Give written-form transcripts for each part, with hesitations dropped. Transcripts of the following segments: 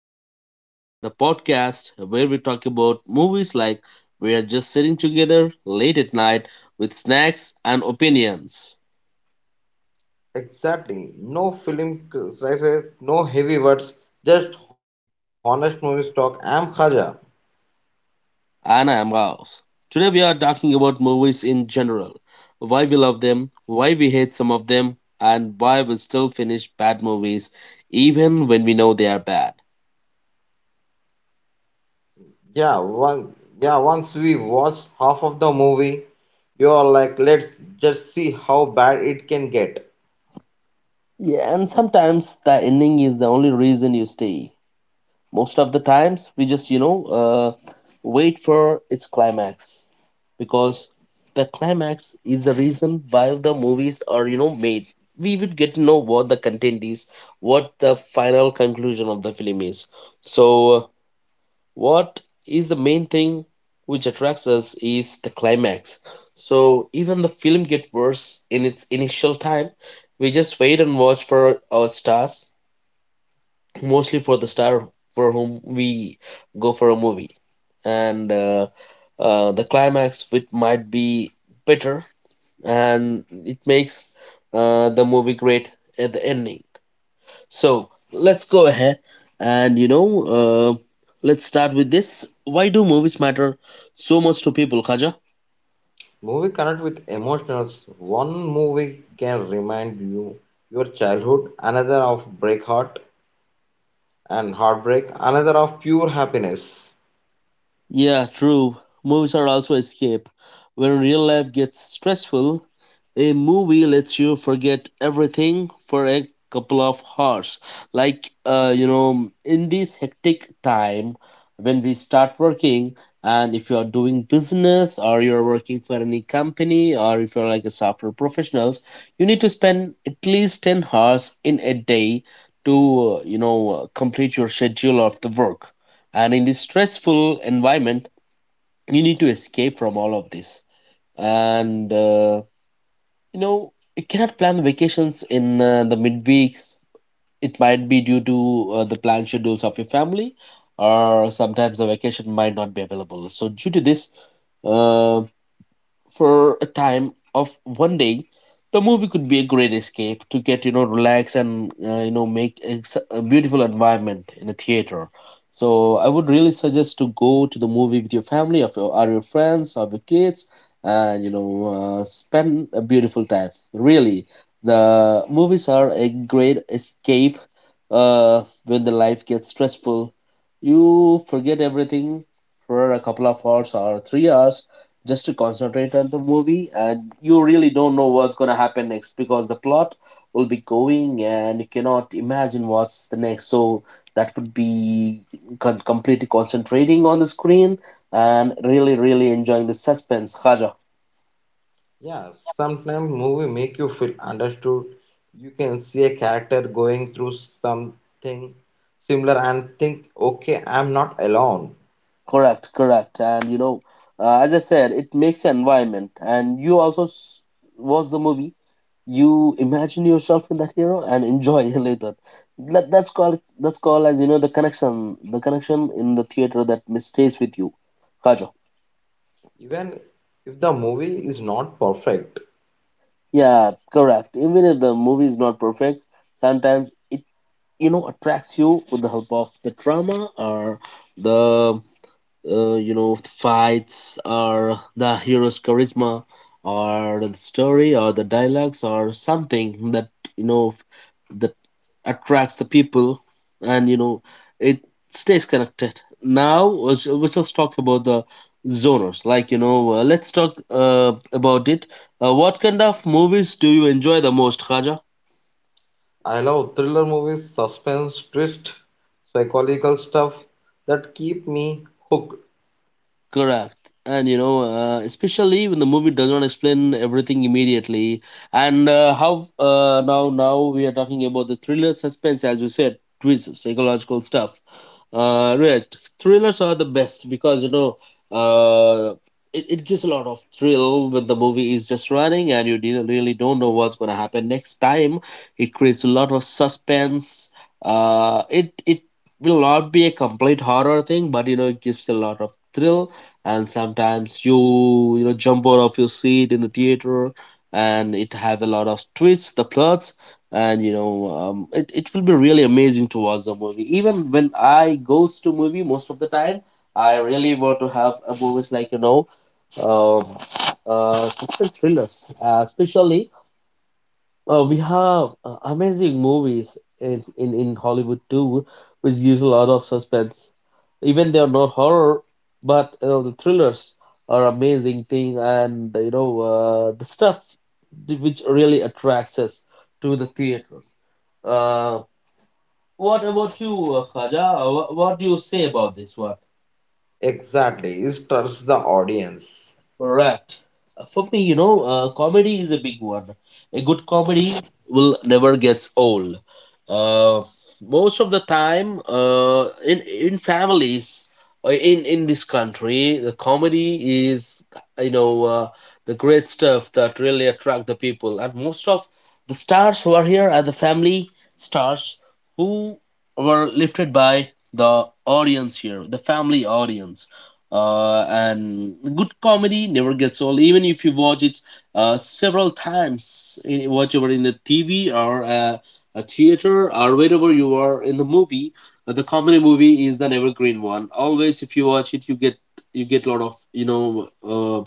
to Real Talk, the podcast where we talk about movies like we are just sitting together late at night with snacks and opinions. Exactly. No film slices, no heavy words, just honest movie talk. I'm Khaja. And I am Raos. Today we are talking about movies in general, why we love them, why we hate some of them, and why we still finish bad movies even when we know they are bad. Yeah, one, yeah, once we watch half of the movie, you're like, let's just see how bad it can get. Yeah, and sometimes the ending is the only reason you stay. Most of the times we just wait for its climax, because the climax is the reason why the movies are made. We would get to know what the content is, what the final conclusion of the film is. So what is the main thing which attracts us is the climax. So even the film get worse in its initial time, we just wait and watch for our stars, mostly for the star for whom we go for a movie. And the climax of it might be bitter, and it makes the movie great at the ending. So let's go ahead and let's start with this. Why do movies matter so much to people, Khaja? Movie connect with emotions. One movie can remind you your childhood, another of break heart and heartbreak, another of pure happiness. Yeah, true. Movies are also escape. When real life gets stressful, a movie lets you forget everything for a couple of hours. Like, in this hectic time when we start working, and if you are doing business or you're working for any company or if you're like a software professionals, you need to spend at least 10 hours in a day to complete your schedule of the work. And in this stressful environment, you need to escape from all of this. And you cannot plan the vacations in the midweeks. It might be due to the planned schedules of your family, or sometimes the vacation might not be available. So due to this, uh, for a time of one day, the movie could be a great escape to get relax, and a beautiful environment in a theater. So I would really suggest to go to the movie with your family of your are your friends of your kids, and spend a beautiful time. Really, the movies are a great escape when the life gets stressful. You forget everything for a couple of hours or 3 hours, just to concentrate on the movie, and you really don't know what's going to happen next because the plot will be going and you cannot imagine what's the next. So that would be completely concentrating on the screen and really really enjoying the suspense, Khaja. Yeah, sometimes movie make you feel understood. You can see a character going through something similar and think, okay, I'm not alone. Correct, correct. And as I said, it makes an environment. And you also watch the movie, you imagine yourself in that hero and enjoy later. That's called, as you know the connection in the theater that stays with you. Kajo. Even if the movie is not perfect. Yeah, correct. Even if the movie is not perfect, sometimes it attracts you with the help of the drama or the you know the fights or the hero's charisma or the story or the dialogues or something that you know that attracts the people, and it stays connected. Now let's just talk about the zoners. Let's talk about it. What kind of movies do you enjoy the most, Khaja? I love thriller movies, suspense, twist, psychological stuff that keep me hooked. Correct. And especially when the movie does not explain everything immediately. And how now now we are talking about the thriller suspense, as you said, twists, psychological stuff. Right, thrillers are the best because uh, it gives a lot of thrill when the movie is just running and you didn't really don't know what's gonna happen next time. It creates a lot of suspense. It will not be a complete horror thing, but it gives a lot of thrill, and sometimes you you know jump out of your seat in the theater. And it have a lot of twists the plots, and it will be really amazing to watch the movie. Even when I goes to movie most of the time, I really want to have a movies like um, suspense thrillers, especially we have amazing movies in Hollywood too, which gives a lot of suspense. Even they are not horror, but the thrillers are amazing thing. And the stuff which really attracts us to the theater. Uh, what about you, Khaja? What do you say about this one? Exactly, it trusts the audience. Correct. For me, comedy is a big one. A good comedy will never gets old. Uh, Most of the time, in in families or in this country, the comedy is you know uh, the great stuff that really attract the people. And most of the stars who are here are the family stars who were lifted by the audience here, the family audience. And good comedy never gets old, even if you watch it several times in whatever in the TV or a theater or wherever you are in the movie. The comedy movie is an evergreen one always. If you watch it, you get, lot of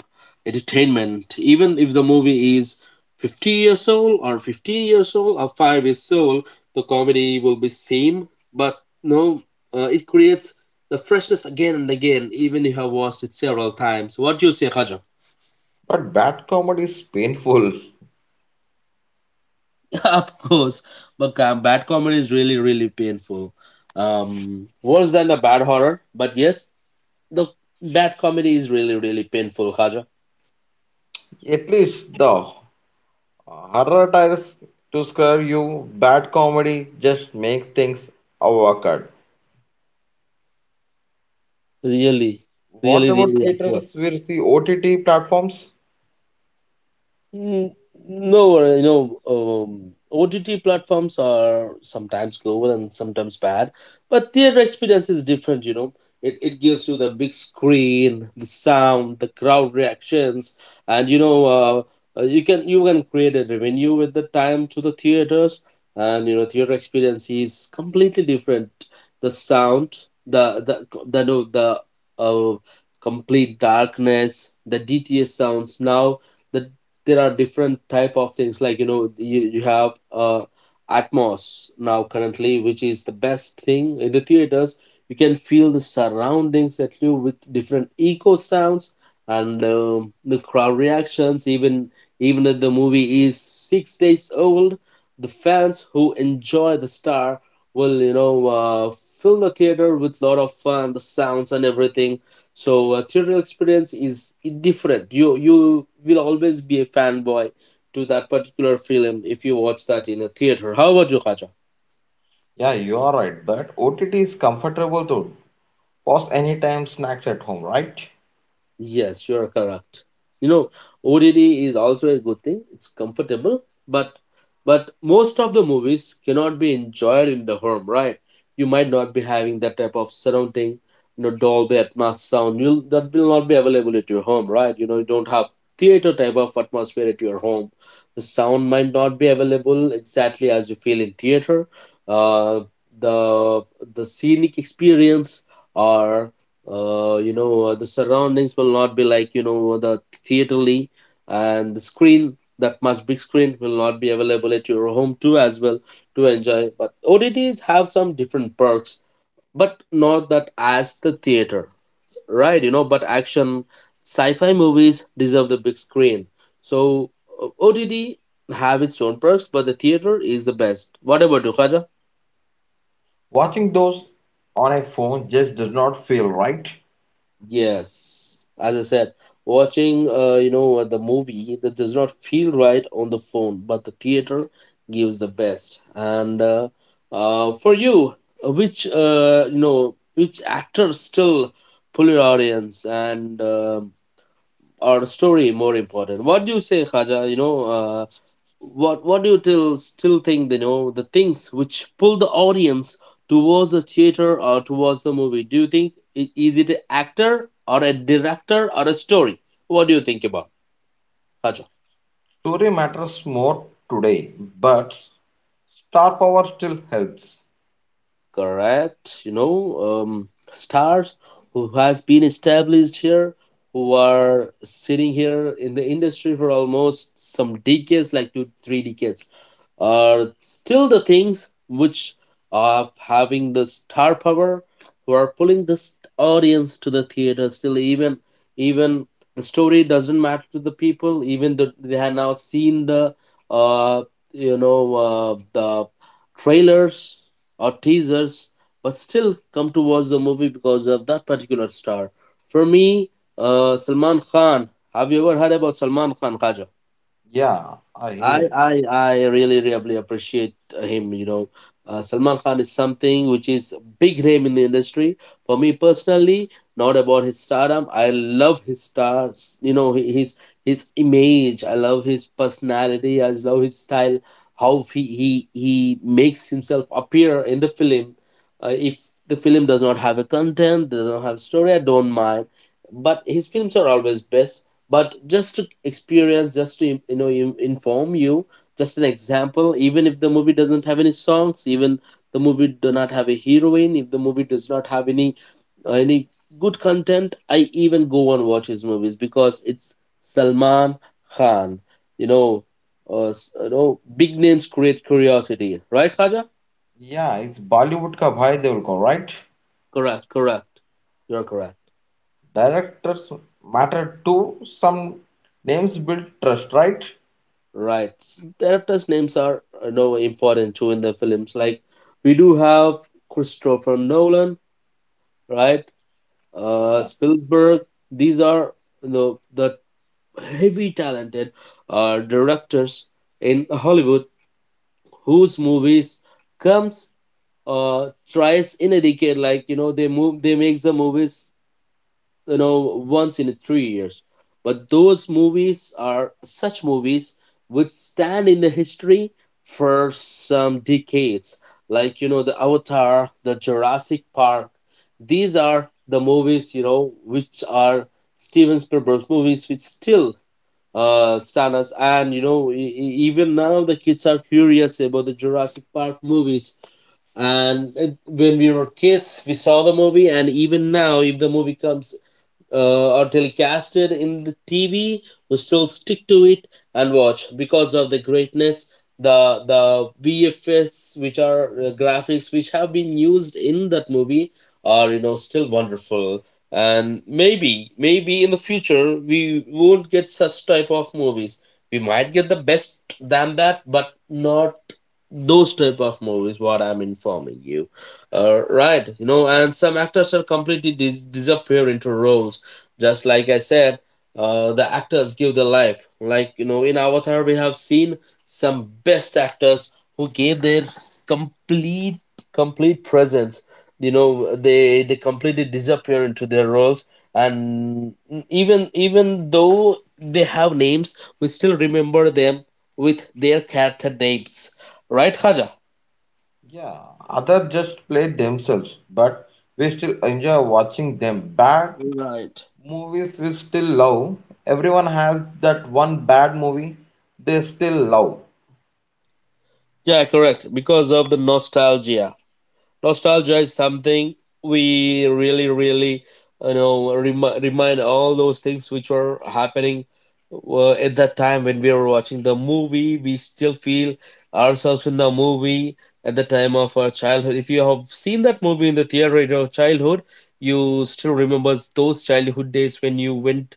entertainment, even if the movie is 50 years old or 15 years old or 5 years old. The comedy will be same, but no, it creates the freshness again and again, even if I watched it several times. What do you say, Khaja? But bad comedy is painful. Of course, but bad comedy is really, really painful. Worse than the bad horror. But yes, the bad comedy is really, really painful, Khaja. At least the horror tries to scare you, bad comedy just makes things awkward. Really, What really, about really awkward. theaters versus OTT platforms? Mm, no, OTT platforms are sometimes good and sometimes bad, but theater experience is different. It gives you the big screen, the sound, the crowd reactions, and you can create a revenue with the time to the theaters. And theater experience is completely different. The sound, the the the no, the uh, complete darkness, the DTS sounds now. the there are different type of things like you have atmos now currently, which is the best thing in the theaters. You can feel the surroundings at you with different echo sounds. And the crowd reactions, even if the movie is 6 days old, the fans who enjoy the star will fill the theater with lot of fun, the sounds and everything. So theater experience is different. You will always be a fanboy to that particular film if you watch that in a theater. How about you, Kaja? Yeah, you are right, but OTT is comfortable to pause anytime snacks at home, right? Yes, you're correct. You know, ODD is also a good thing. It's comfortable, but most of the movies cannot be enjoyed in the home, right? You might not be having that type of surrounding, Dolby Atmos sound. You'll, that will not be available at your home, right? You don't have theater type of atmosphere at your home. The sound might not be available exactly as you feel in theater. Uh, the the scenic experience or the surroundings will not be like, the theaterly, and the screen, that much big screen will not be available at your home too as well to enjoy. But OTTs have some different perks, but not that as the theater, right? But action, sci-fi movies deserve the big screen. So OTT have its own perks, but the theater is the best. Whatever, do, Watching those on a phone just does not feel right. yes, as I said, watching the movie that does not feel right on the phone, but the theater gives the best. And for you, which actors still pull your audience and our story more important? What do you say, Khaja? What do you till still think the things which pull the audience towards the theater or towards the movie? Do you think is it an actor or a director or a story? What do you think about, Raja? Story matters more today, but star power still helps. Correct, you know. Stars who has been established here, who are sitting here in the industry for almost some decades, like two three decades, are still the things which are having the star power, who are pulling the audience to the theater still. Even the story doesn't matter to the people, even though they have now seen the uh the trailers or teasers, but still come to watch the movie because of that particular star. For me, Salman Khan, have you ever heard about Salman Khan, Khaja? Yeah, I hear I it. I I really really appreciate him. You know, Salman Khan is something which is big name in the industry. For me personally, not about his stardom. I love his stars. You know, his image. I love his personality. I love his style. How he makes himself appear in the film. If the film does not have a content, does not have story, I don't mind. But his films are always best, but just to experience, just to, you know, inform you, just an example, even if the movie doesn't have any songs, even the movie do not have a heroine, if the movie does not have any uh, any good content, I even go and watch his movies because it's Salman Khan. You know, you know, big names create curiosity, right, Khaja? Yeah, it's Bollywood ka bhai they will go, right? Correct. You're correct. Directors matter too. Some names build trust, right? Right. Directors' names are, you know, important too in the films. Like we do have Christopher Nolan, right? Yeah, Spielberg. These are, you know, the heavy talented directors in Hollywood whose movies comes twice in a decade. Like, you know, they move they make the movies, you know, once in 3 years, but those movies are such movies which stand in the history for some decades, like, you know, the Avatar, the Jurassic Park. These are the movies, you know, which are Steven Spielberg's movies, which still stand us, and you know, even now the kids are curious about the Jurassic Park movies. And when we were kids, we saw the movie, and even now, if the movie comes or telecasted in the TV, we still stick to it and watch because of the greatness, the VFX, which are graphics which have been used in that movie are, you know, still wonderful. And maybe in the future we won't get such type of movies. We might get the best than that, but not those type of movies. What I'm informing you. Right, you know, and some actors are completely disappear into roles, just like I said. The actors give their life, like you know, in Avatar we have seen some best actors who gave their complete complete presence. You know, they completely disappear into their roles, and even though they have names, we still remember them with their character names, right, Khaja? yeah. Others just play themselves, but we still enjoy watching them. Bad Right. movies we still love. Everyone has that one bad movie they still love. Yeah, correct, because of the nostalgia. Nostalgia is something we really really, you know, remind all those things which were happening at that time. When we were watching the movie, we still feel ourselves in the movie at the time of our childhood. If you have seen that movie in the theater of childhood, you still remember those childhood days when you went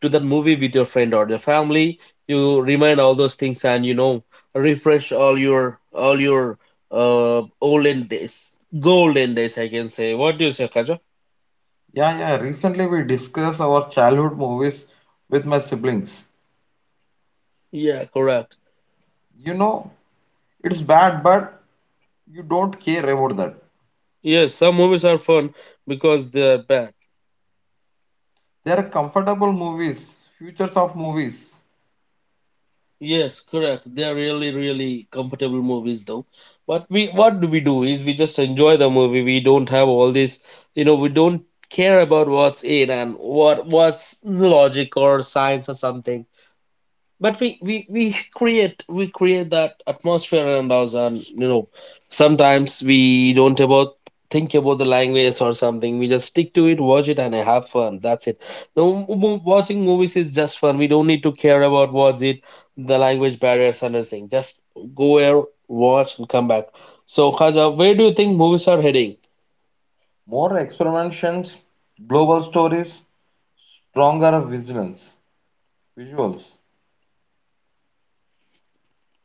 to that movie with your friend or your family. You remind all those things and, you know, refresh all your olden days, golden days, I can say. What do you say, Kaja? Yeah, yeah. Recently we discussed our childhood movies with my siblings. Yeah, correct. You know, it's bad, but you don't care about that. Yes, some movies are fun because they are bad. They are comfortable movies, futures of movies. Yes, correct, they are really really comfortable movies though, but we, what do we do is, we just enjoy the movie. We don't have all this, you know, we don't care about what's in and what's logic or science or something. But we create that atmosphere around us, and you know, sometimes we don't about think about the language or something, we just stick to it, watch it, and have fun, that's it. No, watching movies is just fun, we don't need to care about what's it, the language barriers and everything, just go there, watch, and come back. So Khaja, where do you think movies are heading? More experimentations, global stories, stronger vigilance, visuals.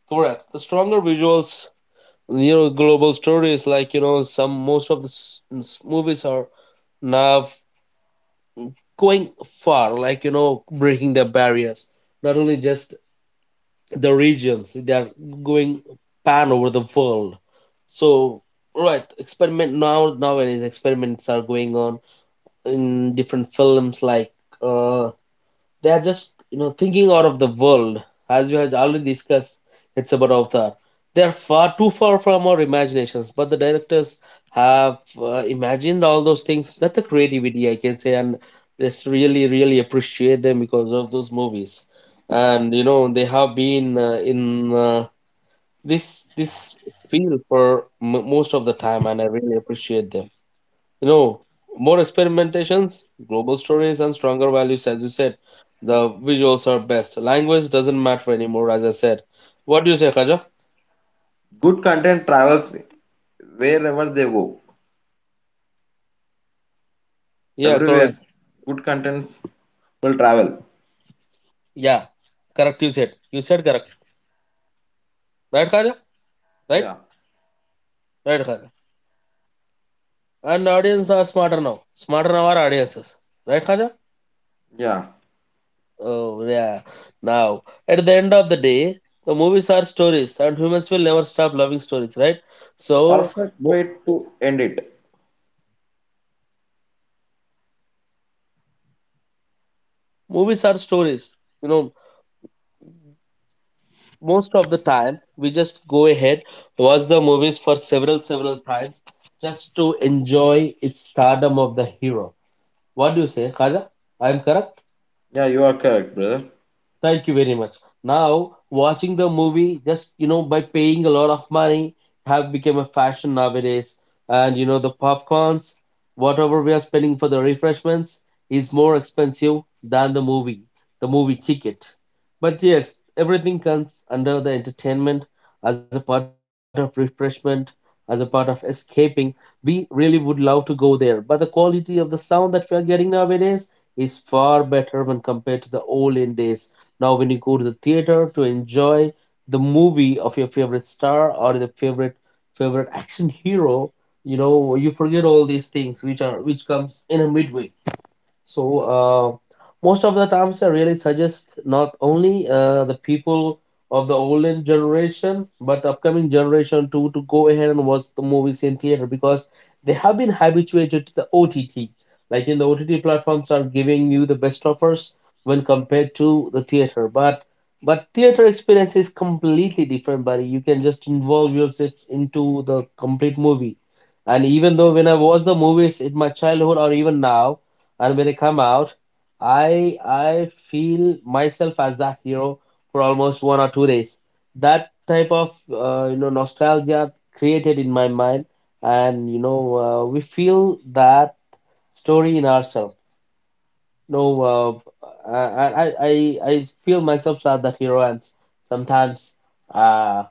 Correct, the stronger visuals. You know, global stories, like you know, some most of the movies are now going far, like you know, breaking the barriers. Not only just the regions, they are going pan over the world. So right, experiment, nowadays experiments are going on in different films, like uh they are just, you know, thinking out of the world. As we have already discussed, it's about Avatar, they are far too far from our imaginations, but the directors have, imagined all those things, that's the creativity, I can say. And just really really appreciate them because of those movies. And you know, they have been in this field for most of the time, and I really appreciate them. You know, more experimentations, global stories, and stronger values, as you said. The visuals are best. Language doesn't matter anymore, as I said. What do you say, Khaja? Good content travels wherever they go. Yeah, correct. Everywhere, good content will travel. Yeah, correct. You said, you said correct, right, Khaja? Right, Yeah, right, Khaja. And audience are smarter now. Smarter now are audiences, right, Khaja? yeah. Oh, yeah. Now, at the end of the day, the movies are stories, and humans will never stop loving stories, right? So Perfect mo- way to end it. movies are stories. You know, most of the time we just go ahead, watch the movies for several times, just to enjoy its stardom of the hero. What do you say, Khaja? I am correct. Yeah, you are correct, brother. Thank you very much. Now, watching the movie, just you know, by paying a lot of money have become a fashion nowadays, and you know, the popcorns, whatever we are spending for the refreshments, is more expensive than the movie ticket. But yes, everything comes under the entertainment, as a part of refreshment, as a part of escaping. We really would love to go there, but the quality of the sound that we are getting nowadays is far better when compared to the olden days. Now, when you go to the theater to enjoy the movie of your favorite star or the favorite action hero, you know, you forget all these things which are, which comes in a midway. So uh, most of the times, I really suggest not only the people of the olden generation but upcoming generation too, to go ahead and watch the movies in theater because they have been habituated to the OTT. Like in the OTT platforms are giving you the best offers when compared to the theater, but theater experience is completely different, buddy. You can just involve yourself into the complete movie. And even though when I watch the movies in my childhood or even now, and when I come out, I feel myself as that hero for almost 1 or 2 days. That type of you know, nostalgia created in my mind, and you know, we feel that story in ourselves. No, uh, I, I feel myself as the hero, and sometimes uh,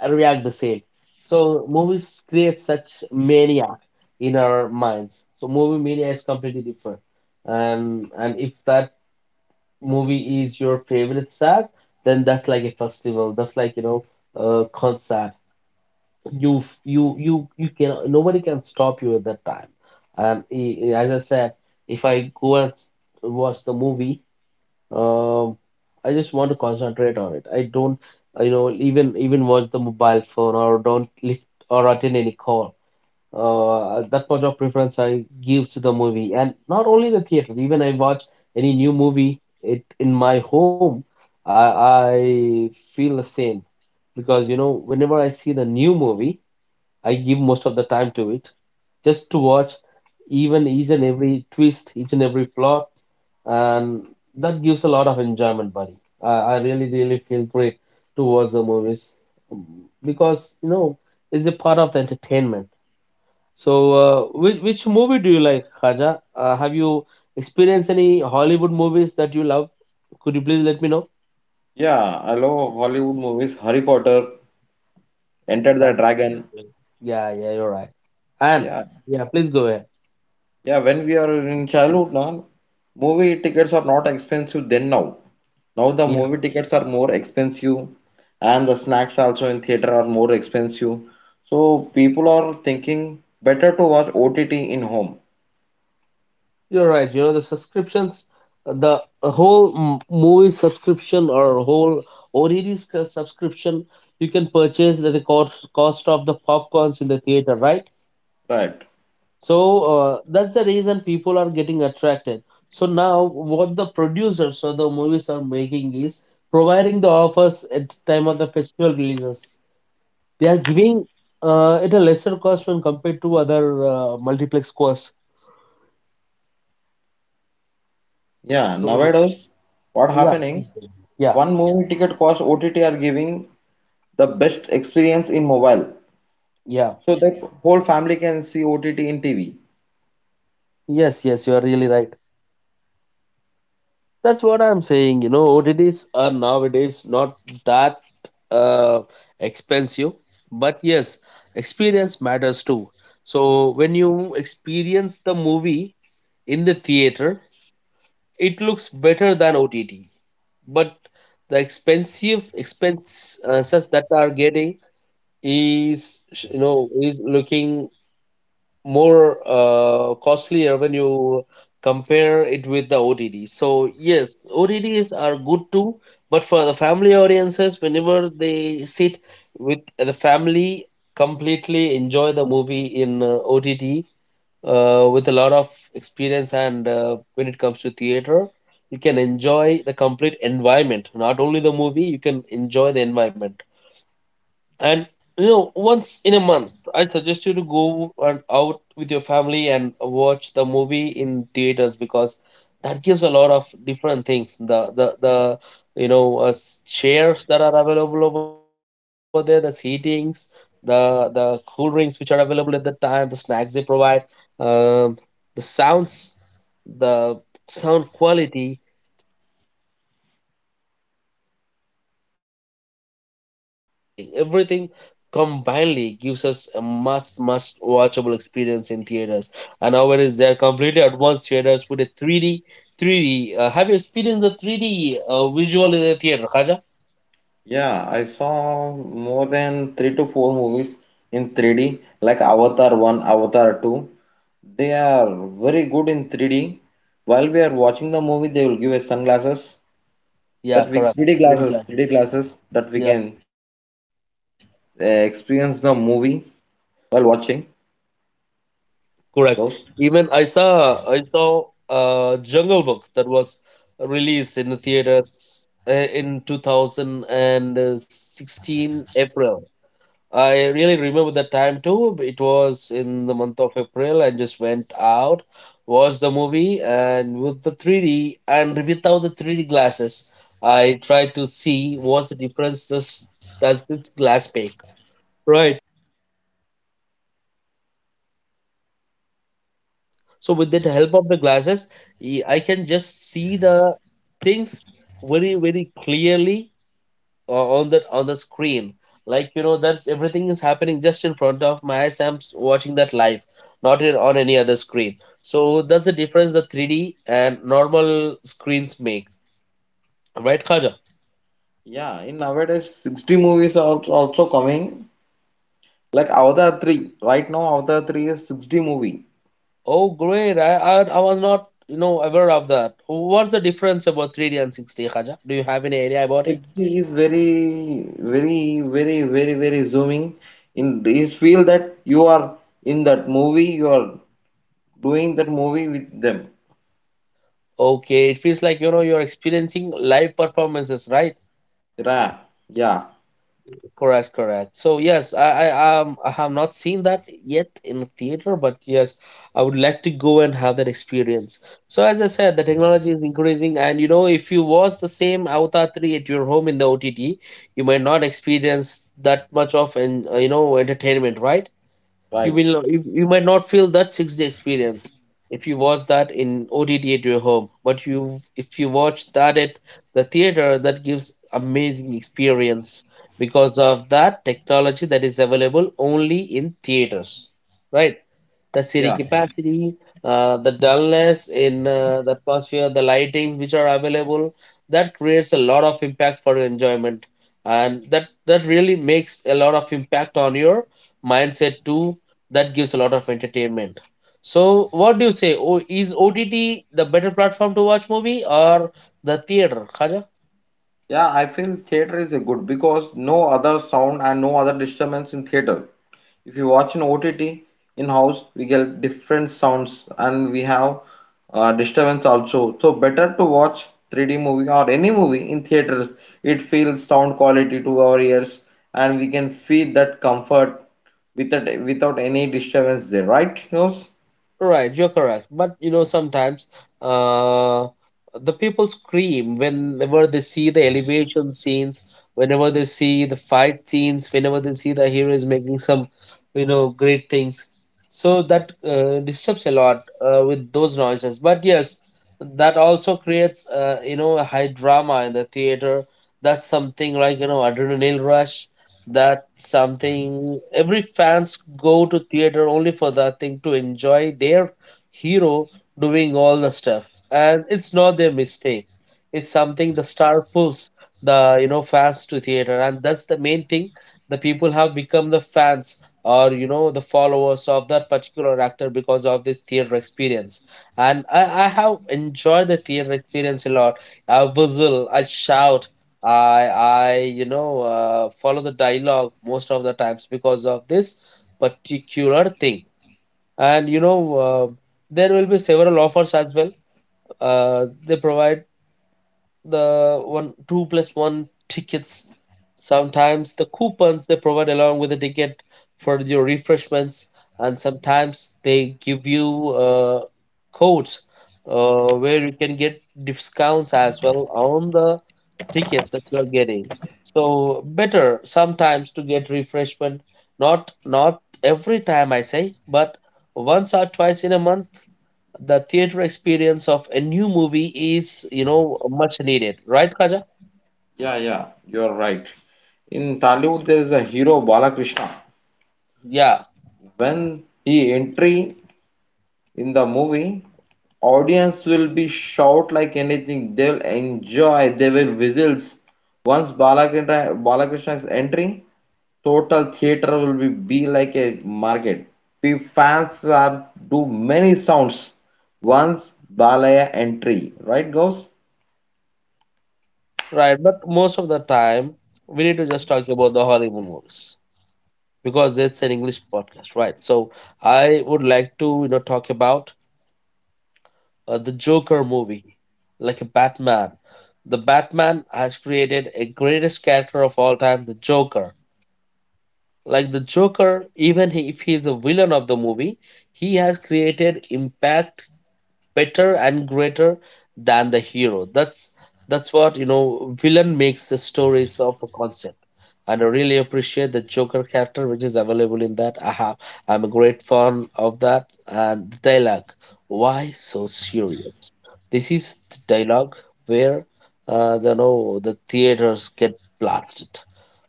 I react the same. So movies create such mania in our minds. So movie mania is completely different. And if that movie is your favorite stars, then that's like a festival. That's like, you know, a concert. You can, nobody can stop you at that time. And as I said, if I go and watch the movie, um, I just want to concentrate on it. I don't, you know, even watch the mobile phone or don't lift or attend any call. That much of preference I give to the movie, and not only the theater. Even I watch any new movie it in my home. I I feel the same because, you know, whenever I see the new movie, I give most of the time to it, just to watch even each and every twist, each and every plot, and that gives a lot of enjoyment, buddy. I really, really feel great to watch the movies, um, because you know, it's a part of the entertainment. So, which movie do you like, Khaja? Have you experienced any Hollywood movies that you love? Could you please let me know? Yeah, I love Hollywood movies. Harry Potter, Enter the That Dragon. yeah, yeah, you're right. And Yeah, yeah, please go ahead. yeah. When we are in childhood, now movie tickets are not expensive then now. Now the movie tickets are more expensive and the snacks also in theater are more expensive. So people are thinking better to watch OTT in home, You're right. You know, the subscriptions, the whole movie subscription or whole OTT subscription, you can purchase at the cost of the popcorns in the theater, right? right? So that's the reason people are getting attracted. So now, what the producers of the movies are making is providing the offers at the time of the festival releases. They are giving it a lesser cost when compared to other multiplex costs. Yeah, So nowadays what yeah, happening? yeah, One movie ticket cost, OTT are giving the best experience in mobile. yeah. So that whole family can see OTT in TV. Yes, yes, you are really right. That's what I'm saying. You know, OTTs are nowadays not that uh, expensive, but yes, experience matters too. So when you experience the movie in the theater, it looks better than OTT. But the expensive expense such that are getting is, you know, is looking more costlier when you compare it with the OTT. So yes, OTTs are good too, but for the family audiences, whenever they sit with the family, completely enjoy the movie in OTT with a lot of experience. And when it comes to theater, you can enjoy the complete environment, not only the movie. You can enjoy the environment, and once in a month, I suggest you to go and out with your family and watch the movie in theaters, because that gives a lot of different things: the chairs that are available over there, the seatings, the cool drinks which are available at the time, the snacks they provide, um, the sounds, the sound quality. No, no, everything combinedly gives us a must watchable experience in theaters. And nowadays there are completely advanced theaters with a 3d have you experienced the 3D visual in the theater, Khaja? Yeah, I saw more than three to four movies in 3D, like Avatar 1, Avatar 2. They are very good in 3D. While we are watching the movie, they will give us sunglasses, Yeah, that we correct. 3D 3D glasses, glasses. 3D glasses that we Yeah, can experience the movie while watching correct. those. Even I saw Jungle Book that was released in the theaters in 2016 April. I really remember the time too. It was in the month of April. I just went out, watched the movie, and with the 3D and without the 3D glasses, I tried to see what's the difference this does this glass make. Right. So with the help of the glasses, I can just see the things very very clearly on the screen, like that's everything is happening just in front of my eyes. I'm watching that live, not on any other screen. So that's the difference the 3D and normal screens make, right, Khaja? Yeah, in nowadays 60 movies are also coming. Like Avatar 3. Right now, Avatar 3 is 60 movie. Oh great, I was not aware of that. What's the difference about 3D and 6D, Khaja? Do you have any idea about it? The key is very, very, very, very, very zooming. In you feel that you are in that movie, you are doing that movie with them. Okay, it feels like you're experiencing live performances, right? Ra, yeah, Correct, correct. So yes, I have not seen that yet in the theater, but yes, I would like to go and have that experience. So as I said, the technology is increasing, and if you watch the same Avatar 3 at your home in the OTT, you might not experience that much of an entertainment, right? You right, will you, you might not feel that 6D experience if you watch that in OTT at your home, but you if you watch that at the theater, that gives amazing experience because of that technology that is available only in theaters, right? The seating yeah, capacity, the dullness in the atmosphere, the lightings which are available, that creates a lot of impact for your enjoyment. And that really makes a lot of impact on your mindset too. That gives a lot of entertainment. So, what do you say? Is OTT the better platform to watch movie, or the theater, Khaja? yeah. I feel theater is a good because no other sound and no other disturbance in theater. If you watch an OTT in-house, we get different sounds and we have disturbance also. So better to watch 3D movie or any movie in theaters. It feels sound quality to our ears and we can feel that comfort without any disturbance there, right? Heroes? Right, you're correct. But sometimes uh, the people scream whenever they see the elevation scenes, whenever they see the fight scenes, whenever they see the heroes making some, you know, great things. So that disturbs a lot with those noises. But yes, that also creates, a high drama in the theater. That's something like, adrenaline rush, that something every fans go to theater only for that thing, to enjoy their hero doing all the stuff. And it's not their mistake. It's something the star pulls the fans to theater, and that's the main thing. The people have become the fans, or the followers of that particular actor because of this theater experience. And I have enjoyed the theater experience a lot. I whistle, I shout, I follow the dialogue most of the times because of this particular thing. And there will be several offers as well. They provide the one two plus one tickets. Sometimes the coupons they provide along with the ticket for your refreshments, and sometimes they give you codes where you can get discounts as well on the tickets that you are getting. So better sometimes to get refreshment. Not every time I say, but once or twice in a month, the theater experience of a new movie is much needed, right, Kaja? Yeah, yeah, you're right. In Tollywood, there is a hero Balakrishna. Yeah, When he entry in the movie audience will be shout like anything, they'll enjoy, they will whistles once Balakrishna, Balakrishna's entry, total theater will be like a market. P fans are do many sounds once Balaya entry, right guys? right. But most of the time, we need to just talk about the Hollywood movies because it's an English podcast, right? So I would like to talk about the Joker movie, like a Batman. The Batman has created a greatest character of all time, the Joker. Like the Joker, even if he is a villain of the movie, he has created impact better and greater than the hero. That's what. Villain makes the stories of a concept, and I really appreciate the Joker character, which is available in that. I'm a great fan of that, and the dialogue, why so serious? This is the dialogue where the no the theaters get blasted.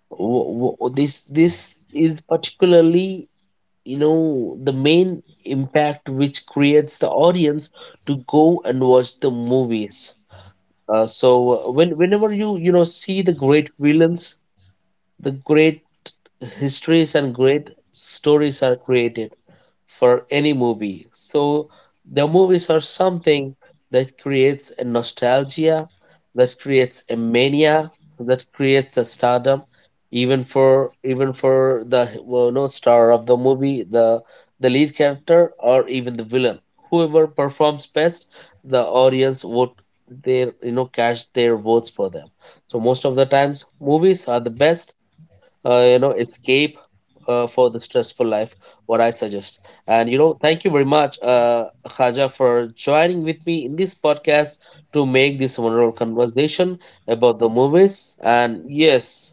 This is particularly the main impact which creates the audience to go and watch the movies. So whenever you you know see the great villains, the great histories and great stories are created for any movie. So the movies are something that creates a nostalgia, that creates a mania, that creates a stardom. Even for the, well, no, star of the movie, the lead character or even the villain, whoever performs best, the audience would their you know cash their votes for them. So most of the times, movies are the best escape for the stressful life, what I suggest. And thank you very much, Khaja, for joining with me in this podcast to make this wonderful conversation about the movies. And yes,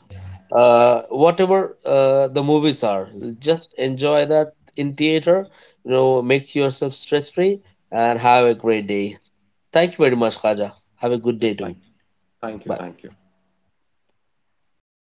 whatever the movies are, just enjoy that in theater. Make yourself stress free and have a great day. Thank you very much, Khaja. Have a good Yeah, day too. thank, you. Thank you, Bye. thank you.